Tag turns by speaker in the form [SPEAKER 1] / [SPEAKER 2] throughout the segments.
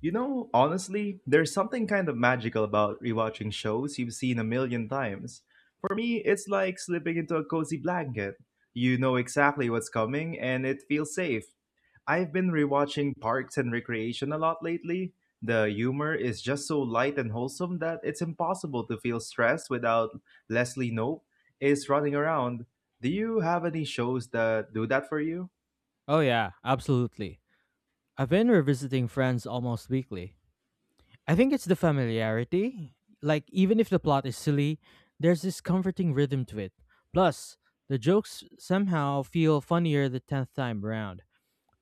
[SPEAKER 1] You know, honestly, there's something kind of magical about rewatching shows you've seen a million times. For me, it's like slipping into a cozy blanket. You know exactly what's coming and it feels safe. I've been rewatching Parks and Recreation a lot lately. The humor is just so light and wholesome that it's impossible to feel stressed without Leslie Knope is running around. Do you have any shows that do that for you?
[SPEAKER 2] Oh, yeah, absolutely. I've been revisiting Friends almost weekly. I think it's the familiarity. Like, even if the plot is silly, there's this comforting rhythm to it. Plus, the jokes somehow feel funnier the 10th time around.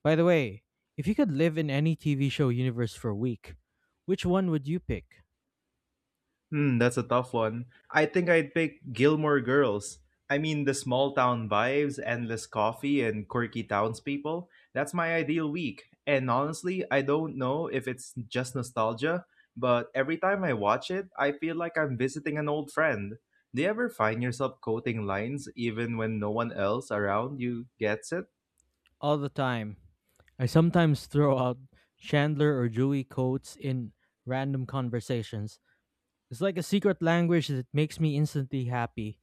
[SPEAKER 2] By the way, if you could live in any TV show universe for a week, which one would you pick?
[SPEAKER 1] Hmm, that's a tough one. I think I'd pick Gilmore Girls. I mean, the small town vibes, endless coffee, and quirky townspeople. That's my ideal week. And honestly, I don't know if it's just nostalgia, but every time I watch it, I feel like I'm visiting an old friend. Do you ever find yourself quoting lines even when no one else around you gets it?
[SPEAKER 2] All the time. I sometimes throw out Chandler or Joey quotes in random conversations. It's like a secret language that makes me instantly happy.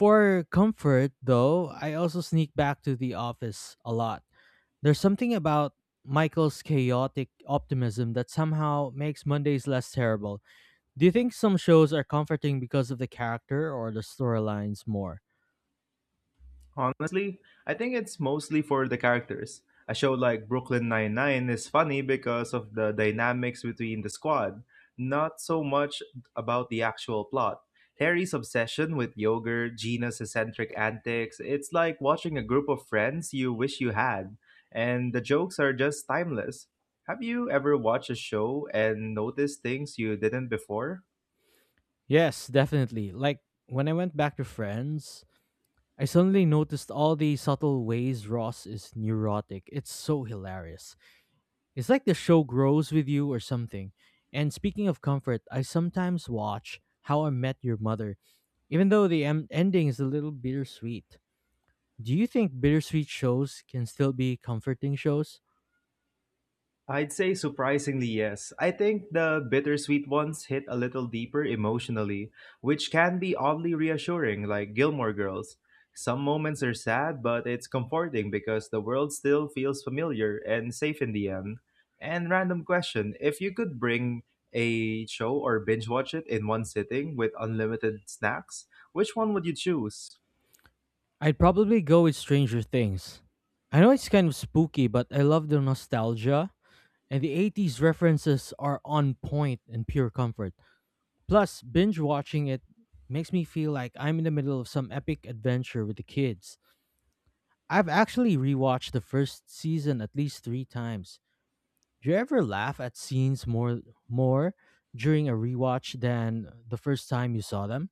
[SPEAKER 2] For comfort, though, I also sneak back to the office a lot. There's something about Michael's chaotic optimism that somehow makes Mondays less terrible. Do you think some shows are comforting because of the character or the storylines more?
[SPEAKER 1] Honestly, I think it's mostly for the characters. A show like Brooklyn Nine-Nine is funny because of the dynamics between the squad, not so much about the actual plot. Harry's obsession with yogurt, Gina's eccentric antics, it's like watching a group of friends you wish you had, and the jokes are just timeless. Have you ever watched a show and noticed things you didn't before?
[SPEAKER 2] Yes, definitely. Like when I went back to Friends, I suddenly noticed all the subtle ways Ross is neurotic. It's so hilarious. It's like the show grows with you or something. And speaking of comfort, I sometimes watch How I Met Your Mother, even though the ending is a little bittersweet. Do you think bittersweet shows can still be comforting shows?
[SPEAKER 1] I'd say surprisingly yes. I think the bittersweet ones hit a little deeper emotionally, which can be oddly reassuring, like Gilmore Girls. Some moments are sad, but it's comforting because the world still feels familiar and safe in the end. And random question, if you could bring a show or binge watch it in one sitting with unlimited snacks, which one would you choose?
[SPEAKER 2] I'd probably go with Stranger Things. I know it's kind of spooky, but I love the nostalgia. And the 80s references are on point and pure comfort. Plus, binge watching it makes me feel like I'm in the middle of some epic adventure with the kids. I've actually rewatched the first season at least three times. Do you ever laugh at scenes more during a rewatch than the first time you saw them?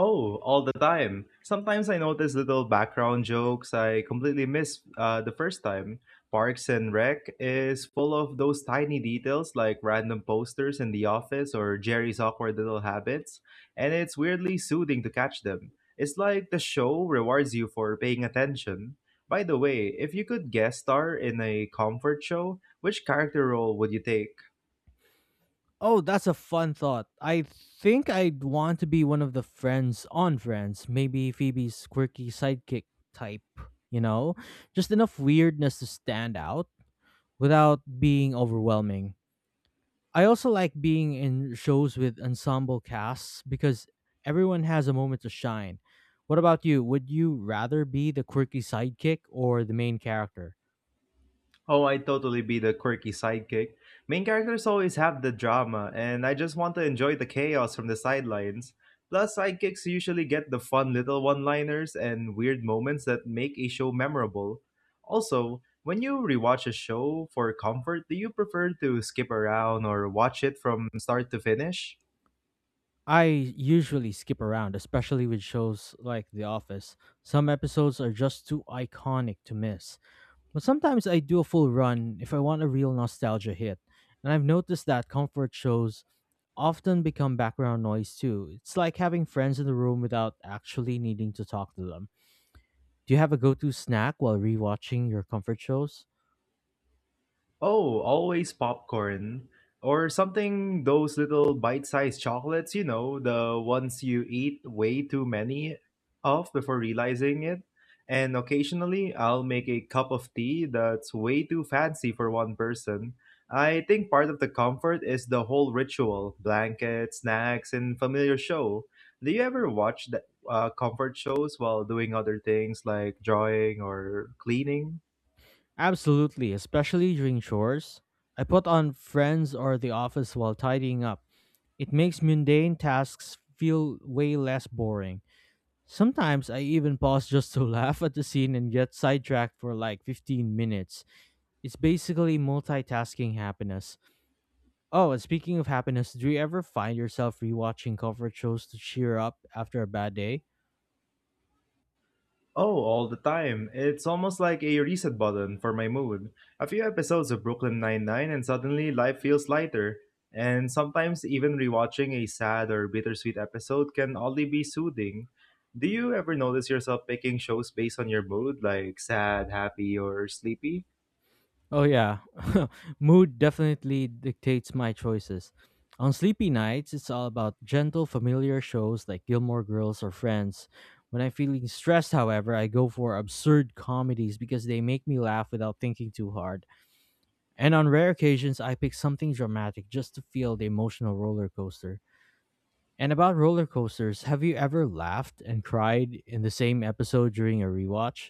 [SPEAKER 1] Oh, all the time. Sometimes I notice little background jokes I completely missed the first time. Parks and Rec is full of those tiny details like random posters in the office or Jerry's awkward little habits, and it's weirdly soothing to catch them. It's like the show rewards you for paying attention. By the way, if you could guest star in a comfort show, which character role would you take?
[SPEAKER 2] Oh, that's a fun thought. I think I'd want to be one of the friends on Friends, maybe Phoebe's quirky sidekick type, you know? Just enough weirdness to stand out, without being overwhelming. I also like being in shows with ensemble casts because everyone has a moment to shine. What about you? Would you rather be the quirky sidekick or the main character?
[SPEAKER 1] Oh, I totally be the quirky sidekick. Main characters always have the drama, and I just want to enjoy the chaos from the sidelines. Plus, sidekicks usually get the fun little one liners and weird moments that make a show memorable. Also, when you rewatch a show for comfort, do you prefer to skip around or watch it from start to finish?
[SPEAKER 2] I usually skip around, especially with shows like The Office. Some episodes are just too iconic to miss. But sometimes I do a full run if I want a real nostalgia hit. And I've noticed that comfort shows often become background noise too. It's like having friends in the room without actually needing to talk to them. Do you have a go to snack while rewatching your comfort shows?
[SPEAKER 1] Oh, always popcorn. Or something, those little bite sized chocolates, the ones you eat way too many of before realizing it. And occasionally, I'll make a cup of tea that's way too fancy for one person. I think part of the comfort is the whole ritual blankets, snacks, and familiar show. Do you ever watch the comfort shows while doing other things like drawing or cleaning?
[SPEAKER 2] Absolutely, especially during chores. I put on Friends or The Office while tidying up. It makes mundane tasks feel way less boring. Sometimes I even pause just to laugh at the scene and get sidetracked for like 15 minutes. It's basically multitasking happiness. Oh, and speaking of happiness, do you ever find yourself rewatching comfort shows to cheer up after a bad day?
[SPEAKER 1] Oh, all the time. It's almost like a reset button for my mood. A few episodes of Brooklyn Nine-Nine and suddenly life feels lighter. And sometimes even rewatching a sad or bittersweet episode can only be soothing. Do you ever notice yourself picking shows based on your mood, like sad, happy, or sleepy?
[SPEAKER 2] Oh, yeah. Mood definitely dictates my choices. On sleepy nights, it's all about gentle, familiar shows like Gilmore Girls or Friends. When I'm feeling stressed, however, I go for absurd comedies because they make me laugh without thinking too hard. And on rare occasions, I pick something dramatic just to feel the emotional roller coaster. And about roller coasters, have you ever laughed and cried in the same episode during a rewatch?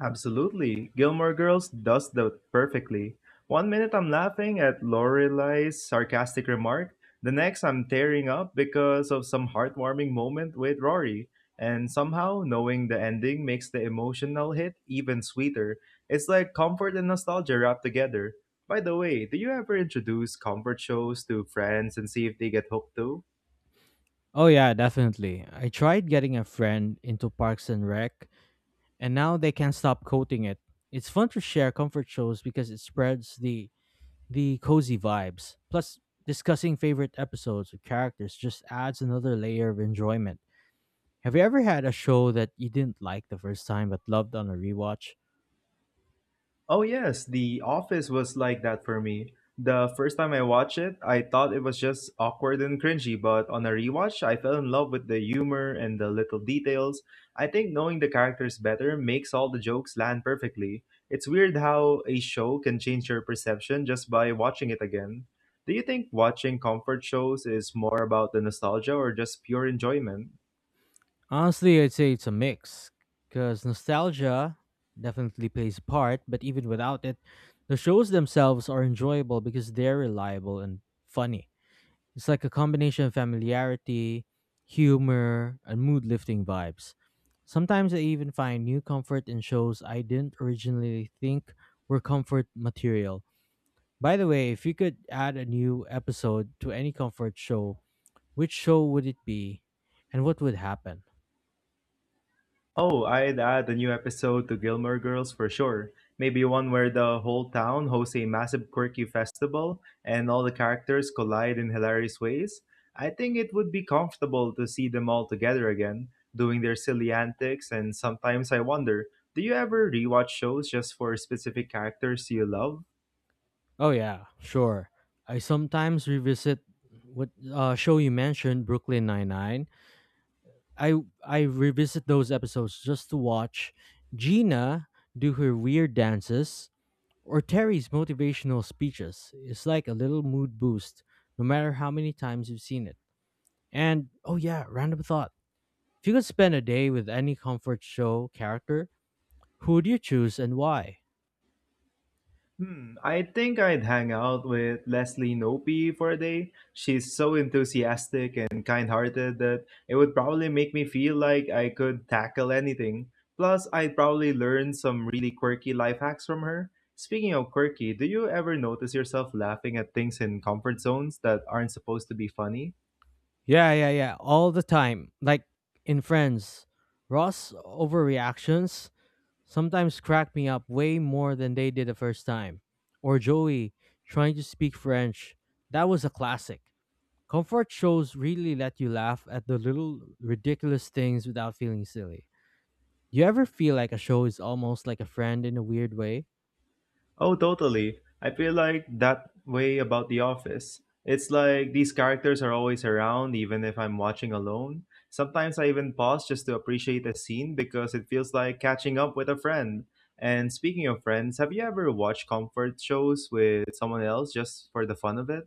[SPEAKER 1] Absolutely. Gilmore Girls does that perfectly. One minute I'm laughing at Lorelei's sarcastic remark, the next I'm tearing up because of some heartwarming moment with Rory. And somehow, knowing the ending makes the emotional hit even sweeter. It's like comfort and nostalgia wrapped together. By the way, do you ever introduce comfort shows to friends and see if they get hooked too?
[SPEAKER 2] Oh, yeah, definitely. I tried getting a friend into Parks and Rec, and now they can't stop quoting it. It's fun to share comfort shows because it spreads the cozy vibes. Plus, discussing favorite episodes with characters just adds another layer of enjoyment. Have you ever had a show that you didn't like the first time but loved on a rewatch?
[SPEAKER 1] Oh yes, The Office was like that for me. The first time I watched it, I thought it was just awkward and cringy, but on a rewatch, I fell in love with the humor and the little details. I think knowing the characters better makes all the jokes land perfectly. It's weird how a show can change your perception just by watching it again. Do you think watching comfort shows is more about the nostalgia or just pure enjoyment?
[SPEAKER 2] Honestly, I'd say it's a mix because nostalgia definitely plays a part, but even without it, the shows themselves are enjoyable because they're reliable and funny. It's like a combination of familiarity, humor, and mood lifting vibes. Sometimes I even find new comfort in shows I didn't originally think were comfort material. By the way, if you could add a new episode to any comfort show, which show would it be and what would happen?
[SPEAKER 1] Oh, I'd add a new episode to Gilmore Girls for sure. Maybe one where the whole town hosts a massive quirky festival and all the characters collide in hilarious ways. I think it would be comfortable to see them all together again, doing their silly antics, and sometimes I wonder, do you ever rewatch shows just for specific characters you love?
[SPEAKER 2] Oh yeah, sure. I sometimes revisit what show you mentioned, Brooklyn Nine Nine. I I revisit those episodes just to watch Gina do her weird dances or Terry's motivational speeches. It's like a little mood boost, no matter how many times you've seen it. And oh yeah, random thought: if you could spend a day with any comfort show character, who would you choose and why?
[SPEAKER 1] Hmm, I think I'd hang out with Leslie Nope for a day. She's so enthusiastic and kind-hearted that it would probably make me feel like I could tackle anything. Plus, I'd probably learn some really quirky life hacks from her. Speaking of quirky, do you ever notice yourself laughing at things in comfort zones that aren't supposed to be funny?
[SPEAKER 2] Yeah, yeah, yeah. All the time. Like in Friends, Ross' overreactions sometimes crack me up way more than they did the first time. Or Joey trying to speak French. That was a classic. Comfort shows really let you laugh at the little ridiculous things without feeling silly. Do you ever feel like a show is almost like a friend in a weird way?
[SPEAKER 1] Oh, totally. I feel like that way about The Office. It's like these characters are always around, even if I'm watching alone. Sometimes I even pause just to appreciate a scene because it feels like catching up with a friend. And speaking of friends, have you ever watched comfort shows with someone else just for the fun of it?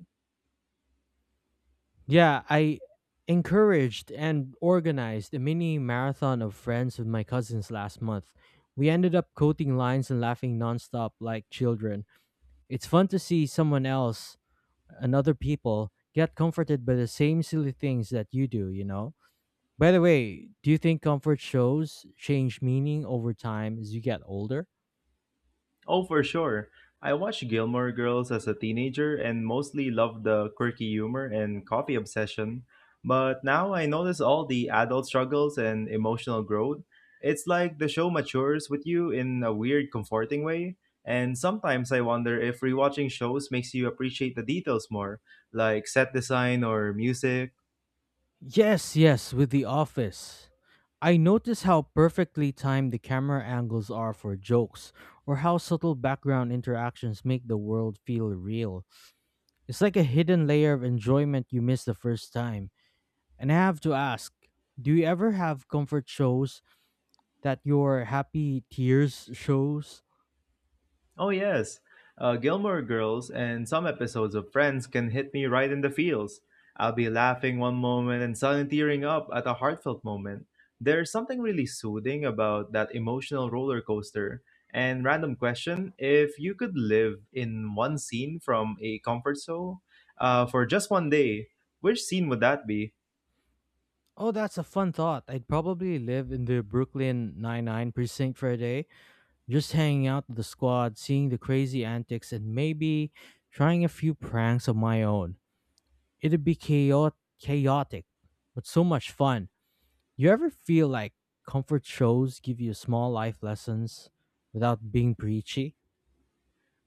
[SPEAKER 2] Yeah, I encouraged and organized a mini marathon of friends with my cousins last month. We ended up quoting lines and laughing nonstop like children. It's fun to see someone else another people get comforted by the same silly things that you do, you know? By the way, do you think comfort shows change meaning over time as you get older?
[SPEAKER 1] Oh, for sure. I watched Gilmore Girls as a teenager and mostly loved the quirky humor and coffee obsession. But now I notice all the adult struggles and emotional growth. It's like the show matures with you in a weird, comforting way. And sometimes I wonder if rewatching shows makes you appreciate the details more, like set design or music.
[SPEAKER 2] Yes, yes, with The Office. I notice how perfectly timed the camera angles are for jokes, or how subtle background interactions make the world feel real. It's like a hidden layer of enjoyment you miss the first time. And I have to ask, do you ever have comfort shows that your happy tears shows?
[SPEAKER 1] Oh, yes. Gilmore Girls and some episodes of Friends can hit me right in the feels. I'll be laughing one moment and suddenly tearing up at a heartfelt moment. There's something really soothing about that emotional roller coaster. And random question, if you could live in one scene from a comfort show for just one day, which scene would that be?
[SPEAKER 2] Oh, that's a fun thought. I'd probably live in the Brooklyn Nine-Nine precinct for a day. Just hanging out with the squad, seeing the crazy antics, and maybe trying a few pranks of my own. It'd be chaotic, but so much fun. You ever feel like comfort shows give you small life lessons without being preachy?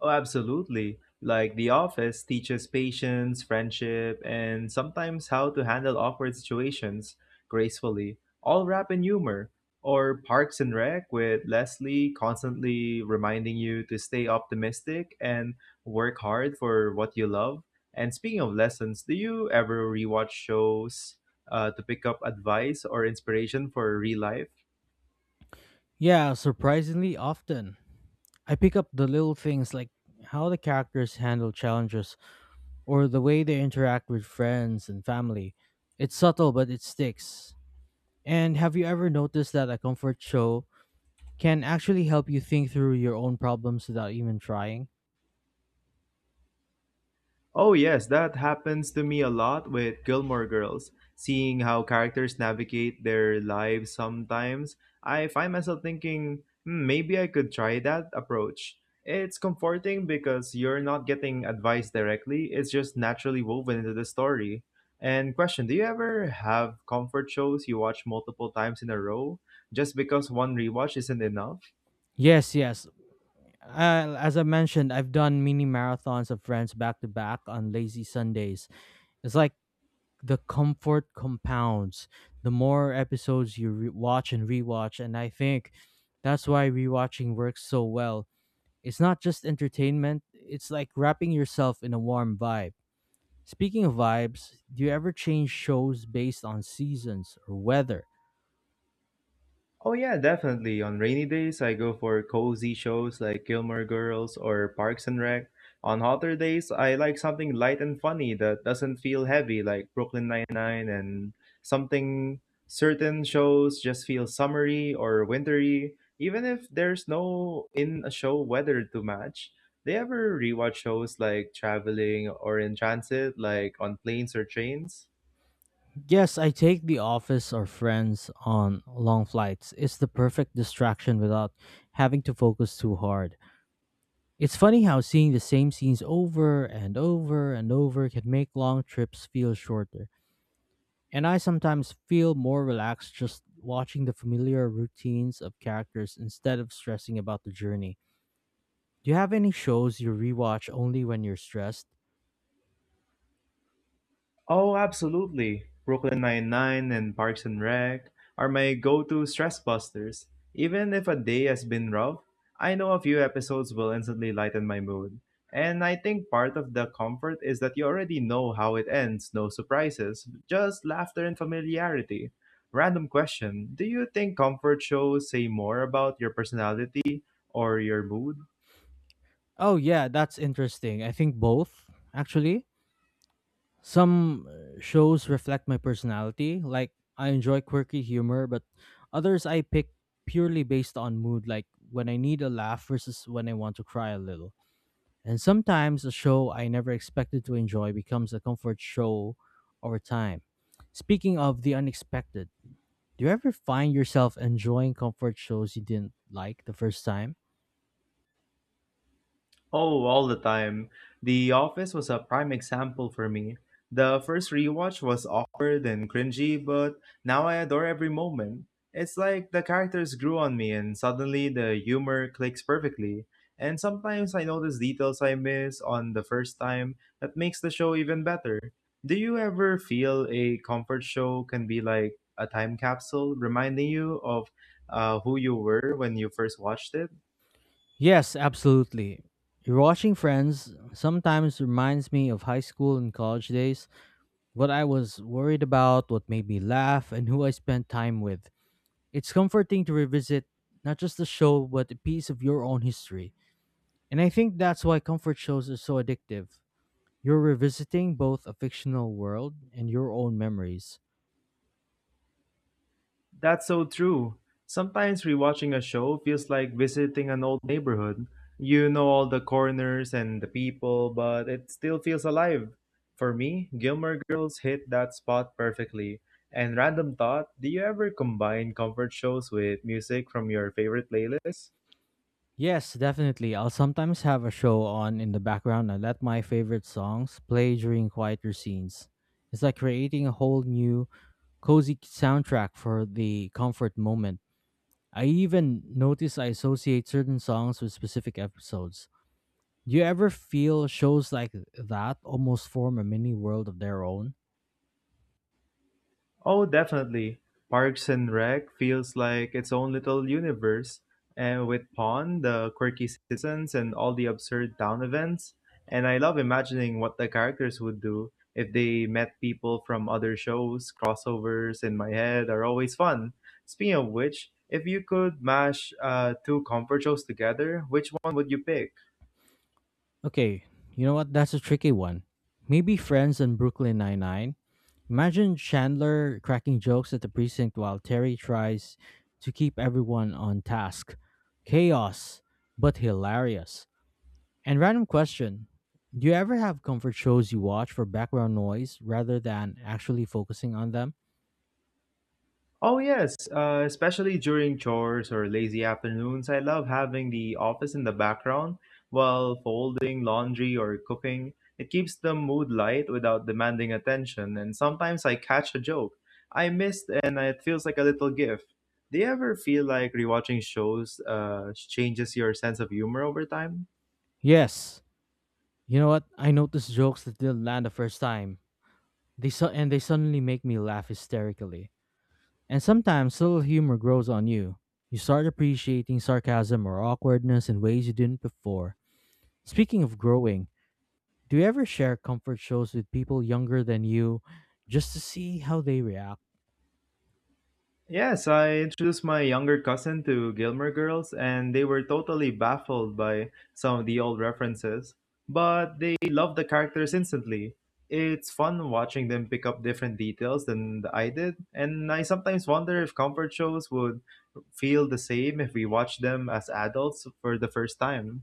[SPEAKER 1] Oh, absolutely. Like The Office teaches patience, friendship, and sometimes how to handle awkward situations gracefully, all wrapped in humor. Or Parks and Rec with Leslie constantly reminding you to stay optimistic and work hard for what you love. And speaking of lessons, do you ever rewatch shows to pick up advice or inspiration for real life?
[SPEAKER 2] Yeah, surprisingly often. I pick up the little things like how the characters handle challenges or the way they interact with friends and family. It's subtle, but it sticks. And have you ever noticed that a comfort show can actually help you think through your own problems without even trying?
[SPEAKER 1] Oh, yes, that happens to me a lot with Gilmore Girls. Seeing how characters navigate their lives sometimes, I find myself thinking, hmm, maybe I could try that approach. It's comforting because you're not getting advice directly, it's just naturally woven into the story. And question, do you ever have comfort shows you watch multiple times in a row just because one rewatch isn't enough?
[SPEAKER 2] Yes, yes. As I mentioned, I've done mini marathons of friends back to back on lazy Sundays. It's like the comfort compounds. The more episodes you watch and rewatch, and I think that's why rewatching works so well. It's not just entertainment, it's like wrapping yourself in a warm vibe. Speaking of vibes, do you ever change shows based on seasons or weather?
[SPEAKER 1] Oh yeah, definitely. On rainy days, I go for cozy shows like Gilmore Girls or Parks and Rec. On hotter days, I like something light and funny that doesn't feel heavy like Brooklyn Nine-Nine and something certain shows just feel summery or wintry, even if there's no in a show weather to match. They ever rewatch shows like Traveling or In Transit, like on planes or trains?
[SPEAKER 2] Yes, I take The Office or Friends on long flights. It's the perfect distraction without having to focus too hard. It's funny how seeing the same scenes over and over and over can make long trips feel shorter. And I sometimes feel more relaxed just watching the familiar routines of characters instead of stressing about the journey. Do you have any shows you rewatch only when you're stressed?
[SPEAKER 1] Oh, absolutely. Brooklyn Nine-Nine and Parks and Rec are my go-to stress busters. Even if a day has been rough, I know a few episodes will instantly lighten my mood. And I think part of the comfort is that you already know how it ends, no surprises, just laughter and familiarity. Random question, do you think comfort shows say more about your personality or your mood?
[SPEAKER 2] Oh, yeah, that's interesting. I think both, actually. Some shows reflect my personality, like I enjoy quirky humor, but others I pick purely based on mood, like when I need a laugh versus when I want to cry a little. And sometimes a show I never expected to enjoy becomes a comfort show over time. Speaking of the unexpected, do you ever find yourself enjoying comfort shows you didn't like the first time?
[SPEAKER 1] Oh, all the time. The Office was a prime example for me. The first rewatch was awkward and cringy, but now I adore every moment. It's like the characters grew on me and suddenly the humor clicks perfectly. And sometimes I notice details I miss on the first time that makes the show even better. Do you ever feel a comfort show can be like a time capsule reminding you of who you were when you first watched it?
[SPEAKER 2] Yes, absolutely. Rewatching Friends sometimes reminds me of high school and college days, what I was worried about, what made me laugh, and who I spent time with. It's comforting to revisit not just the show, but a piece of your own history. And I think that's why comfort shows are so addictive. You're revisiting both a fictional world and your own memories.
[SPEAKER 1] That's so true. Sometimes rewatching a show feels like visiting an old neighborhood. You know all the corners and the people, but it still feels alive. For me, Gilmore Girls hit that spot perfectly. And random thought, do you ever combine comfort shows with music from your favorite playlist?
[SPEAKER 2] Yes, definitely. I'll sometimes have a show on in the background and let my favorite songs play during quieter scenes. It's like creating a whole new cozy soundtrack for the comfort moment. I even notice I associate certain songs with specific episodes. Do you ever feel shows like that almost form a mini world of their own?
[SPEAKER 1] Oh, definitely. Parks and Rec feels like its own little universe, and with Pawn, the quirky citizens, and all the absurd town events. And I love imagining what the characters would do if they met people from other shows. Crossovers in my head are always fun. Speaking of which, if you could mash two comfort shows together, which one would you pick?
[SPEAKER 2] Okay, you know what? That's a tricky one. Maybe Friends and Brooklyn Nine-Nine. Imagine Chandler cracking jokes at the precinct while Terry tries to keep everyone on task. Chaos, but hilarious. And random question, do you ever have comfort shows you watch for background noise rather than actually focusing on them?
[SPEAKER 1] Oh, yes, especially during chores or lazy afternoons. I love having the office in the background while folding laundry or cooking. It keeps the mood light without demanding attention, and sometimes I catch a joke I missed, and it feels like a little gift. Do you ever feel like rewatching shows changes your sense of humor over time?
[SPEAKER 2] Yes. You know what? I noticed jokes that didn't land the first time. They su- and they suddenly make me laugh hysterically. And sometimes little humor grows on you. You start appreciating sarcasm or awkwardness in ways you didn't before. Speaking of growing, do you ever share comfort shows with people younger than you just to see how they react?
[SPEAKER 1] Yes, I introduced my younger cousin to Gilmore Girls, and they were totally baffled by some of the old references, but they loved the characters instantly. It's fun watching them pick up different details than I did, and I sometimes wonder if comfort shows would feel the same if we watched them as adults for the first time.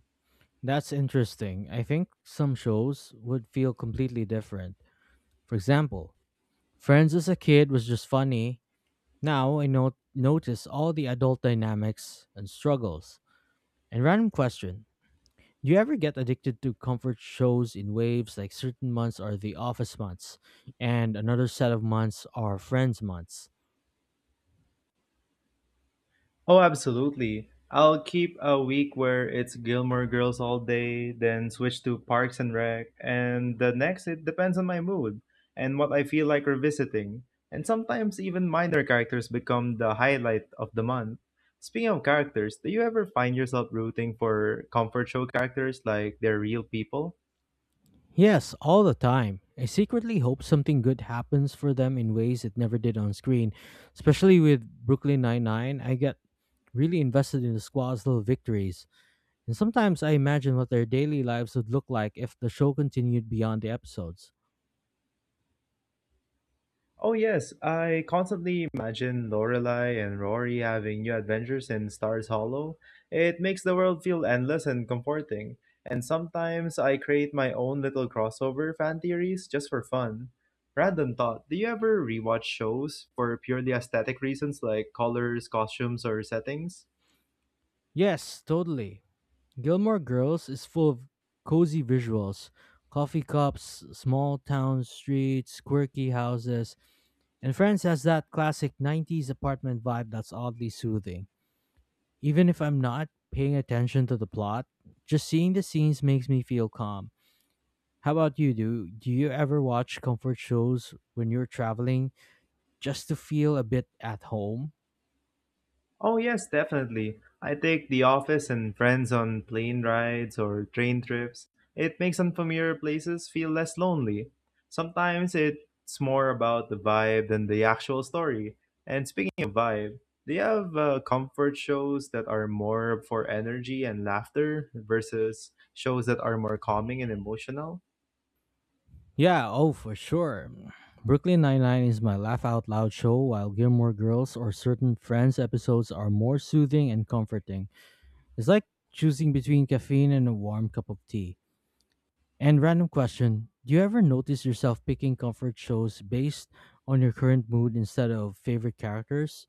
[SPEAKER 2] That's interesting. I think some shows would feel completely different. For example, Friends as a kid was just funny. Now I notice all the adult dynamics and struggles. And random question. Do you ever get addicted to comfort shows in waves, like certain months are the office months and another set of months are friends months?
[SPEAKER 1] Oh, absolutely. I'll keep a week where it's Gilmore Girls all day, then switch to Parks and Rec, and the next it depends on my mood and what I feel like revisiting. And sometimes even minor characters become the highlight of the month. Speaking of characters, do you ever find yourself rooting for comfort show characters like they're real people?
[SPEAKER 2] Yes, all the time. I secretly hope something good happens for them in ways it never did on screen. Especially with Brooklyn Nine-Nine, I get really invested in the squad's little victories. And sometimes I imagine what their daily lives would look like if the show continued beyond the episodes.
[SPEAKER 1] Oh yes, I constantly imagine Lorelai and Rory having new adventures in Stars Hollow. It makes the world feel endless and comforting. And sometimes I create my own little crossover fan theories just for fun. Random thought, do you ever rewatch shows for purely aesthetic reasons like colors, costumes, or settings?
[SPEAKER 2] Yes, totally. Gilmore Girls is full of cozy visuals, coffee cups, small town streets, quirky houses, and friends has that classic 90s apartment vibe that's oddly soothing. Even if I'm not paying attention to the plot, just seeing the scenes makes me feel calm. How about you? Do you ever watch comfort shows when you're traveling just to feel a bit at home?
[SPEAKER 1] Oh, yes, definitely. I take the office and friends on plane rides or train trips. It makes unfamiliar places feel less lonely. Sometimes it's more about the vibe than the actual story. And speaking of vibe, do you have comfort shows that are more for energy and laughter versus shows that are more calming and emotional?
[SPEAKER 2] Yeah, oh for sure. Brooklyn Nine-Nine is my laugh out loud show while Gilmore Girls or certain Friends episodes are more soothing and comforting. It's like choosing between caffeine and a warm cup of tea. And random question. Do you ever notice yourself picking comfort shows based on your current mood instead of favorite characters?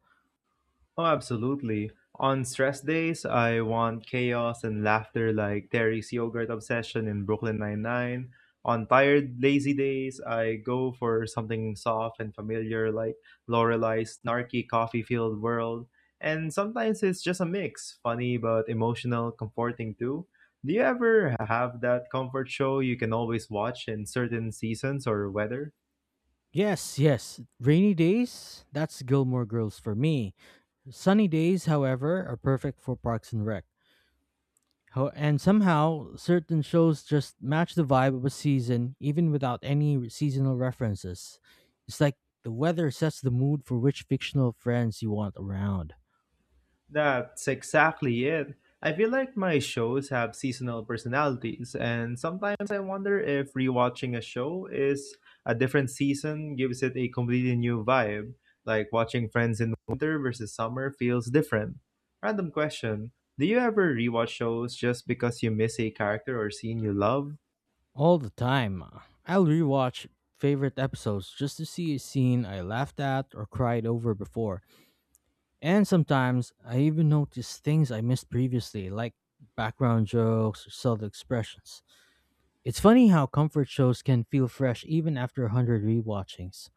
[SPEAKER 1] Oh, absolutely. On stress days, I want chaos and laughter like Terry's yogurt obsession in Brooklyn Nine-Nine. On tired, lazy days, I go for something soft and familiar like Lorelei's snarky coffee-filled world. And sometimes it's just a mix, funny but emotional, comforting too. Do you ever have that comfort show you can always watch in certain seasons or weather?
[SPEAKER 2] Yes, yes. Rainy days? That's Gilmore Girls for me. Sunny days, however, are perfect for Parks and Rec. And somehow, certain shows just match the vibe of a season even without any seasonal references. It's like the weather sets the mood for which fictional friends you want around.
[SPEAKER 1] That's exactly it. I feel like my shows have seasonal personalities, and sometimes I wonder if rewatching a show is a different season gives it a completely new vibe. Like watching Friends in winter versus summer feels different. Random question, do you ever rewatch shows just because you miss a character or scene you love?
[SPEAKER 2] All the time. I'll rewatch favorite episodes just to see a scene I laughed at or cried over before. And sometimes I even notice things I missed previously, like background jokes or subtle expressions. It's funny how comfort shows can feel fresh even after a hundred rewatchings.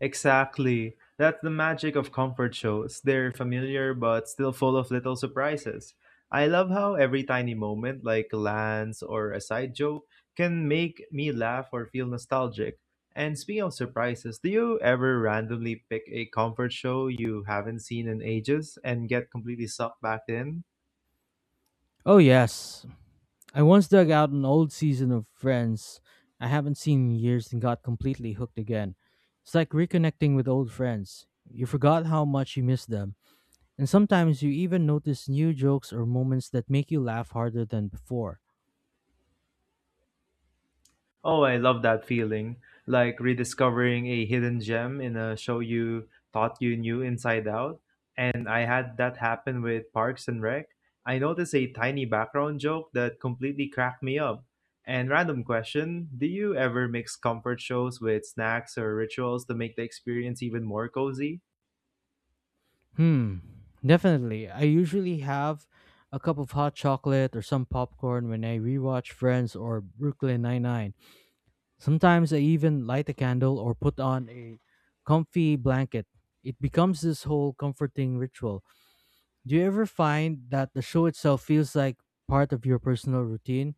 [SPEAKER 1] Exactly. That's the magic of comfort shows. They're familiar but still full of little surprises. I love how every tiny moment, like Lance or a side joke, can make me laugh or feel nostalgic. And speaking of surprises, do you ever randomly pick a comfort show you haven't seen in ages and get completely sucked back in?
[SPEAKER 2] Oh, yes. I once dug out an old season of Friends I haven't seen in years and got completely hooked again. It's like reconnecting with old friends. You forgot how much you missed them, and sometimes you even notice new jokes or moments that make you laugh harder than before.
[SPEAKER 1] Oh, I love that feeling. Like rediscovering a hidden gem in a show you thought you knew inside out. And I had that happen with Parks and Rec. I noticed a tiny background joke that completely cracked me up. And random question, do you ever mix comfort shows with snacks or rituals to make the experience even more cozy?
[SPEAKER 2] Hmm, definitely. I usually have a cup of hot chocolate or some popcorn when I rewatch Friends or Brooklyn Nine-Nine. Sometimes I even light a candle or put on a comfy blanket. It becomes this whole comforting ritual. Do you ever find that the show itself feels like part of your personal routine?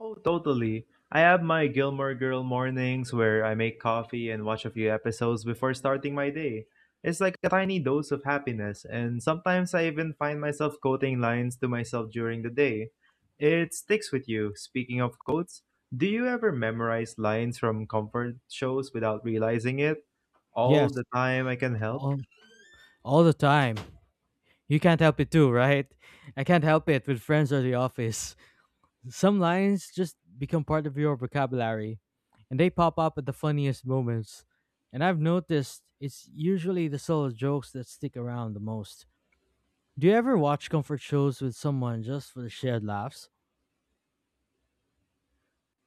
[SPEAKER 1] Oh, totally. I have my Gilmore Girl mornings where I make coffee and watch a few episodes before starting my day. It's like a tiny dose of happiness, and sometimes I even find myself quoting lines to myself during the day. It sticks with you. Speaking of quotes, do you ever memorize lines from comfort shows without realizing it? All
[SPEAKER 2] Yes,
[SPEAKER 1] the time I can help.
[SPEAKER 2] all, all the time. You can't help it too, right? I can't help it with friends or the office. Some lines just become part of your vocabulary, and they pop up at the funniest moments. And I've noticed it's usually the solo jokes that stick around the most. Do you ever watch comfort shows with someone just for the shared laughs?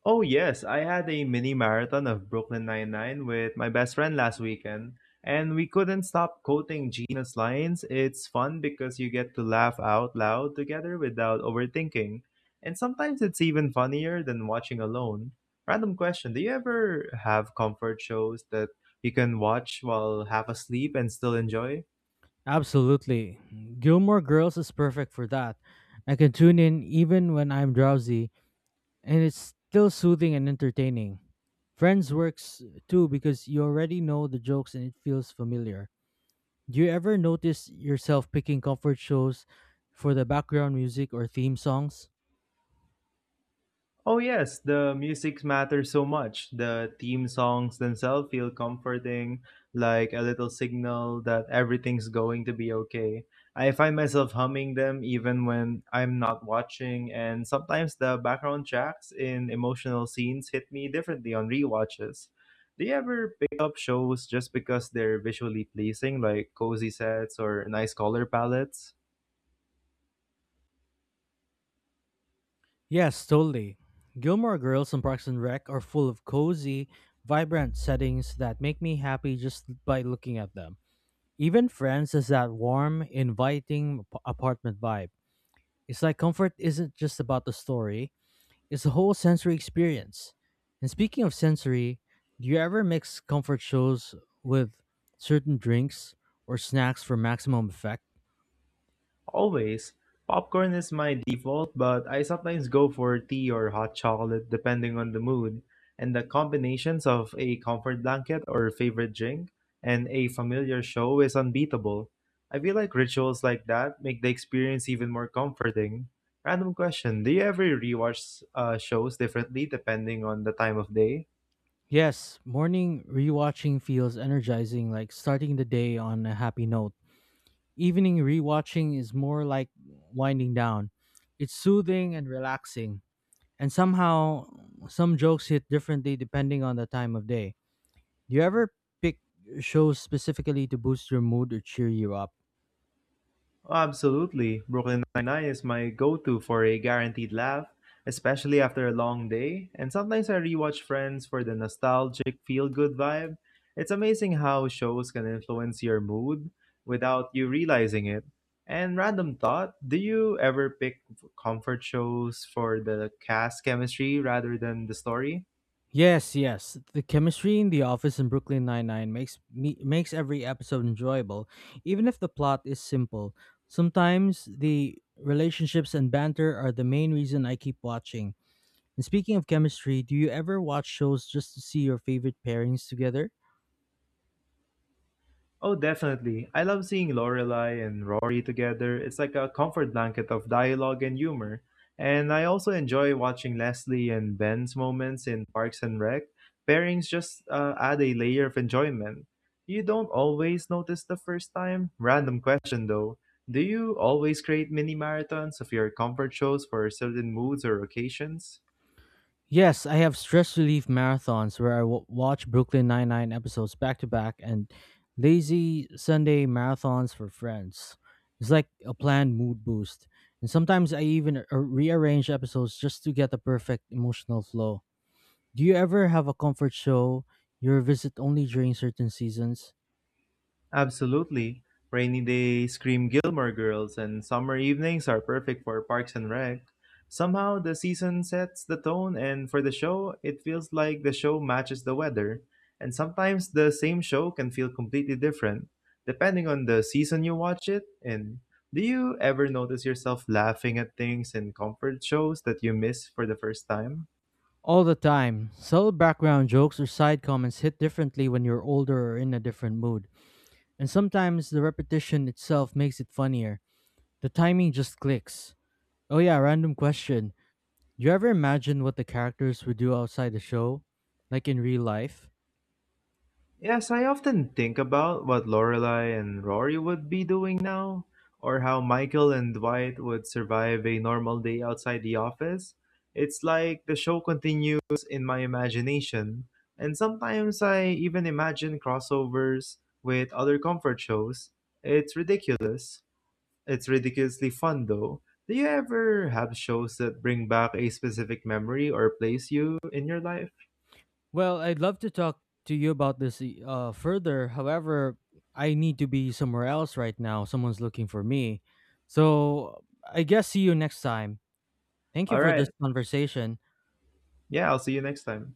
[SPEAKER 1] Oh yes, I had a mini marathon of Brooklyn Nine-Nine with my best friend last weekend, and we couldn't stop quoting Gina's lines. It's fun because you get to laugh out loud together without overthinking, and sometimes it's even funnier than watching alone. Random question, do you ever have comfort shows that you can watch while half asleep and still enjoy?
[SPEAKER 2] Absolutely. Gilmore Girls is perfect for that. I can tune in even when I'm drowsy, and it's still soothing and entertaining. Friends works too because you already know the jokes and it feels familiar. Do you ever notice yourself picking comfort shows for the background music or theme songs?
[SPEAKER 1] Oh, yes, the music matters so much. The theme songs themselves feel comforting, like a little signal that everything's going to be okay. I find myself humming them even when I'm not watching, and sometimes the background tracks in emotional scenes hit me differently on rewatches. Do you ever pick up shows just because they're visually pleasing, like cozy sets or nice color palettes?
[SPEAKER 2] Yes, totally. Gilmore Girls and Parks and Rec are full of cozy, vibrant settings that make me happy just by looking at them. Even Friends has that warm, inviting apartment vibe. It's like comfort isn't just about the story, it's a whole sensory experience. And speaking of sensory, do you ever mix comfort shows with certain drinks or snacks for maximum effect?
[SPEAKER 1] Always, popcorn is my default, but I sometimes go for tea or hot chocolate depending on the mood, and the combinations of a comfort blanket or favorite drink and a familiar show is unbeatable. I feel like rituals like that make the experience even more comforting. Random question, do you ever rewatch shows differently depending on the time of day?
[SPEAKER 2] Yes, morning rewatching feels energizing, like starting the day on a happy note. Evening rewatching is more like winding down. It's soothing and relaxing. And somehow, some jokes hit differently depending on the time of day. Do you ever pick shows specifically to boost your mood or cheer you up?
[SPEAKER 1] Oh, absolutely. Brooklyn Nine-Nine is my go-to for a guaranteed laugh, especially after a long day. And sometimes I rewatch Friends for the nostalgic feel-good vibe. It's amazing how shows can influence your mood without you realizing it. And random thought, do you ever pick comfort shows for the cast chemistry rather than the story?
[SPEAKER 2] Yes, yes. The chemistry in The Office and Brooklyn Nine-Nine makes every episode enjoyable, even if the plot is simple. Sometimes the relationships and banter are the main reason I keep watching. And speaking of chemistry, do you ever watch shows just to see your favorite pairings together?
[SPEAKER 1] Oh, definitely. I love seeing Lorelai and Rory together. It's like a comfort blanket of dialogue and humor. And I also enjoy watching Leslie and Ben's moments in Parks and Rec. Pairings just add a layer of enjoyment. You don't always notice the first time. Random question though. Do you always create mini marathons of your comfort shows for certain moods or occasions?
[SPEAKER 2] Yes, I have stress relief marathons where I watch Brooklyn Nine-Nine episodes back to back, and lazy Sunday marathons for friends. It's like a planned mood boost. And sometimes I even rearrange episodes just to get the perfect emotional flow. Do you ever have a comfort show you revisit only during certain seasons?
[SPEAKER 1] Absolutely. Rainy days scream Gilmore Girls, and summer evenings are perfect for Parks and Rec. Somehow, the season sets the tone, and for the show, it feels like the show matches the weather. And sometimes the same show can feel completely different, depending on the season you watch it in. Do you ever notice yourself laughing at things in comfort shows that you miss for the first time?
[SPEAKER 2] All the time. Subtle background jokes or side comments hit differently when you're older or in a different mood. And sometimes the repetition itself makes it funnier. The timing just clicks. Oh yeah, random question. Do you ever imagine what the characters would do outside the show, like in real life?
[SPEAKER 1] Yes, I often think about what Lorelai and Rory would be doing now, or how Michael and Dwight would survive a normal day outside the office. It's like the show continues in my imagination, and sometimes I even imagine crossovers with other comfort shows. It's ridiculous. It's ridiculously fun though. Do you ever have shows that bring back a specific memory or place you in your life?
[SPEAKER 2] Well, I'd love to talk to you about this further. However, I need to be somewhere else right now. Someone's looking for me. So I guess see you next time. Thank you
[SPEAKER 1] All
[SPEAKER 2] for
[SPEAKER 1] right.
[SPEAKER 2] this conversation.
[SPEAKER 1] Yeah, I'll see you next time.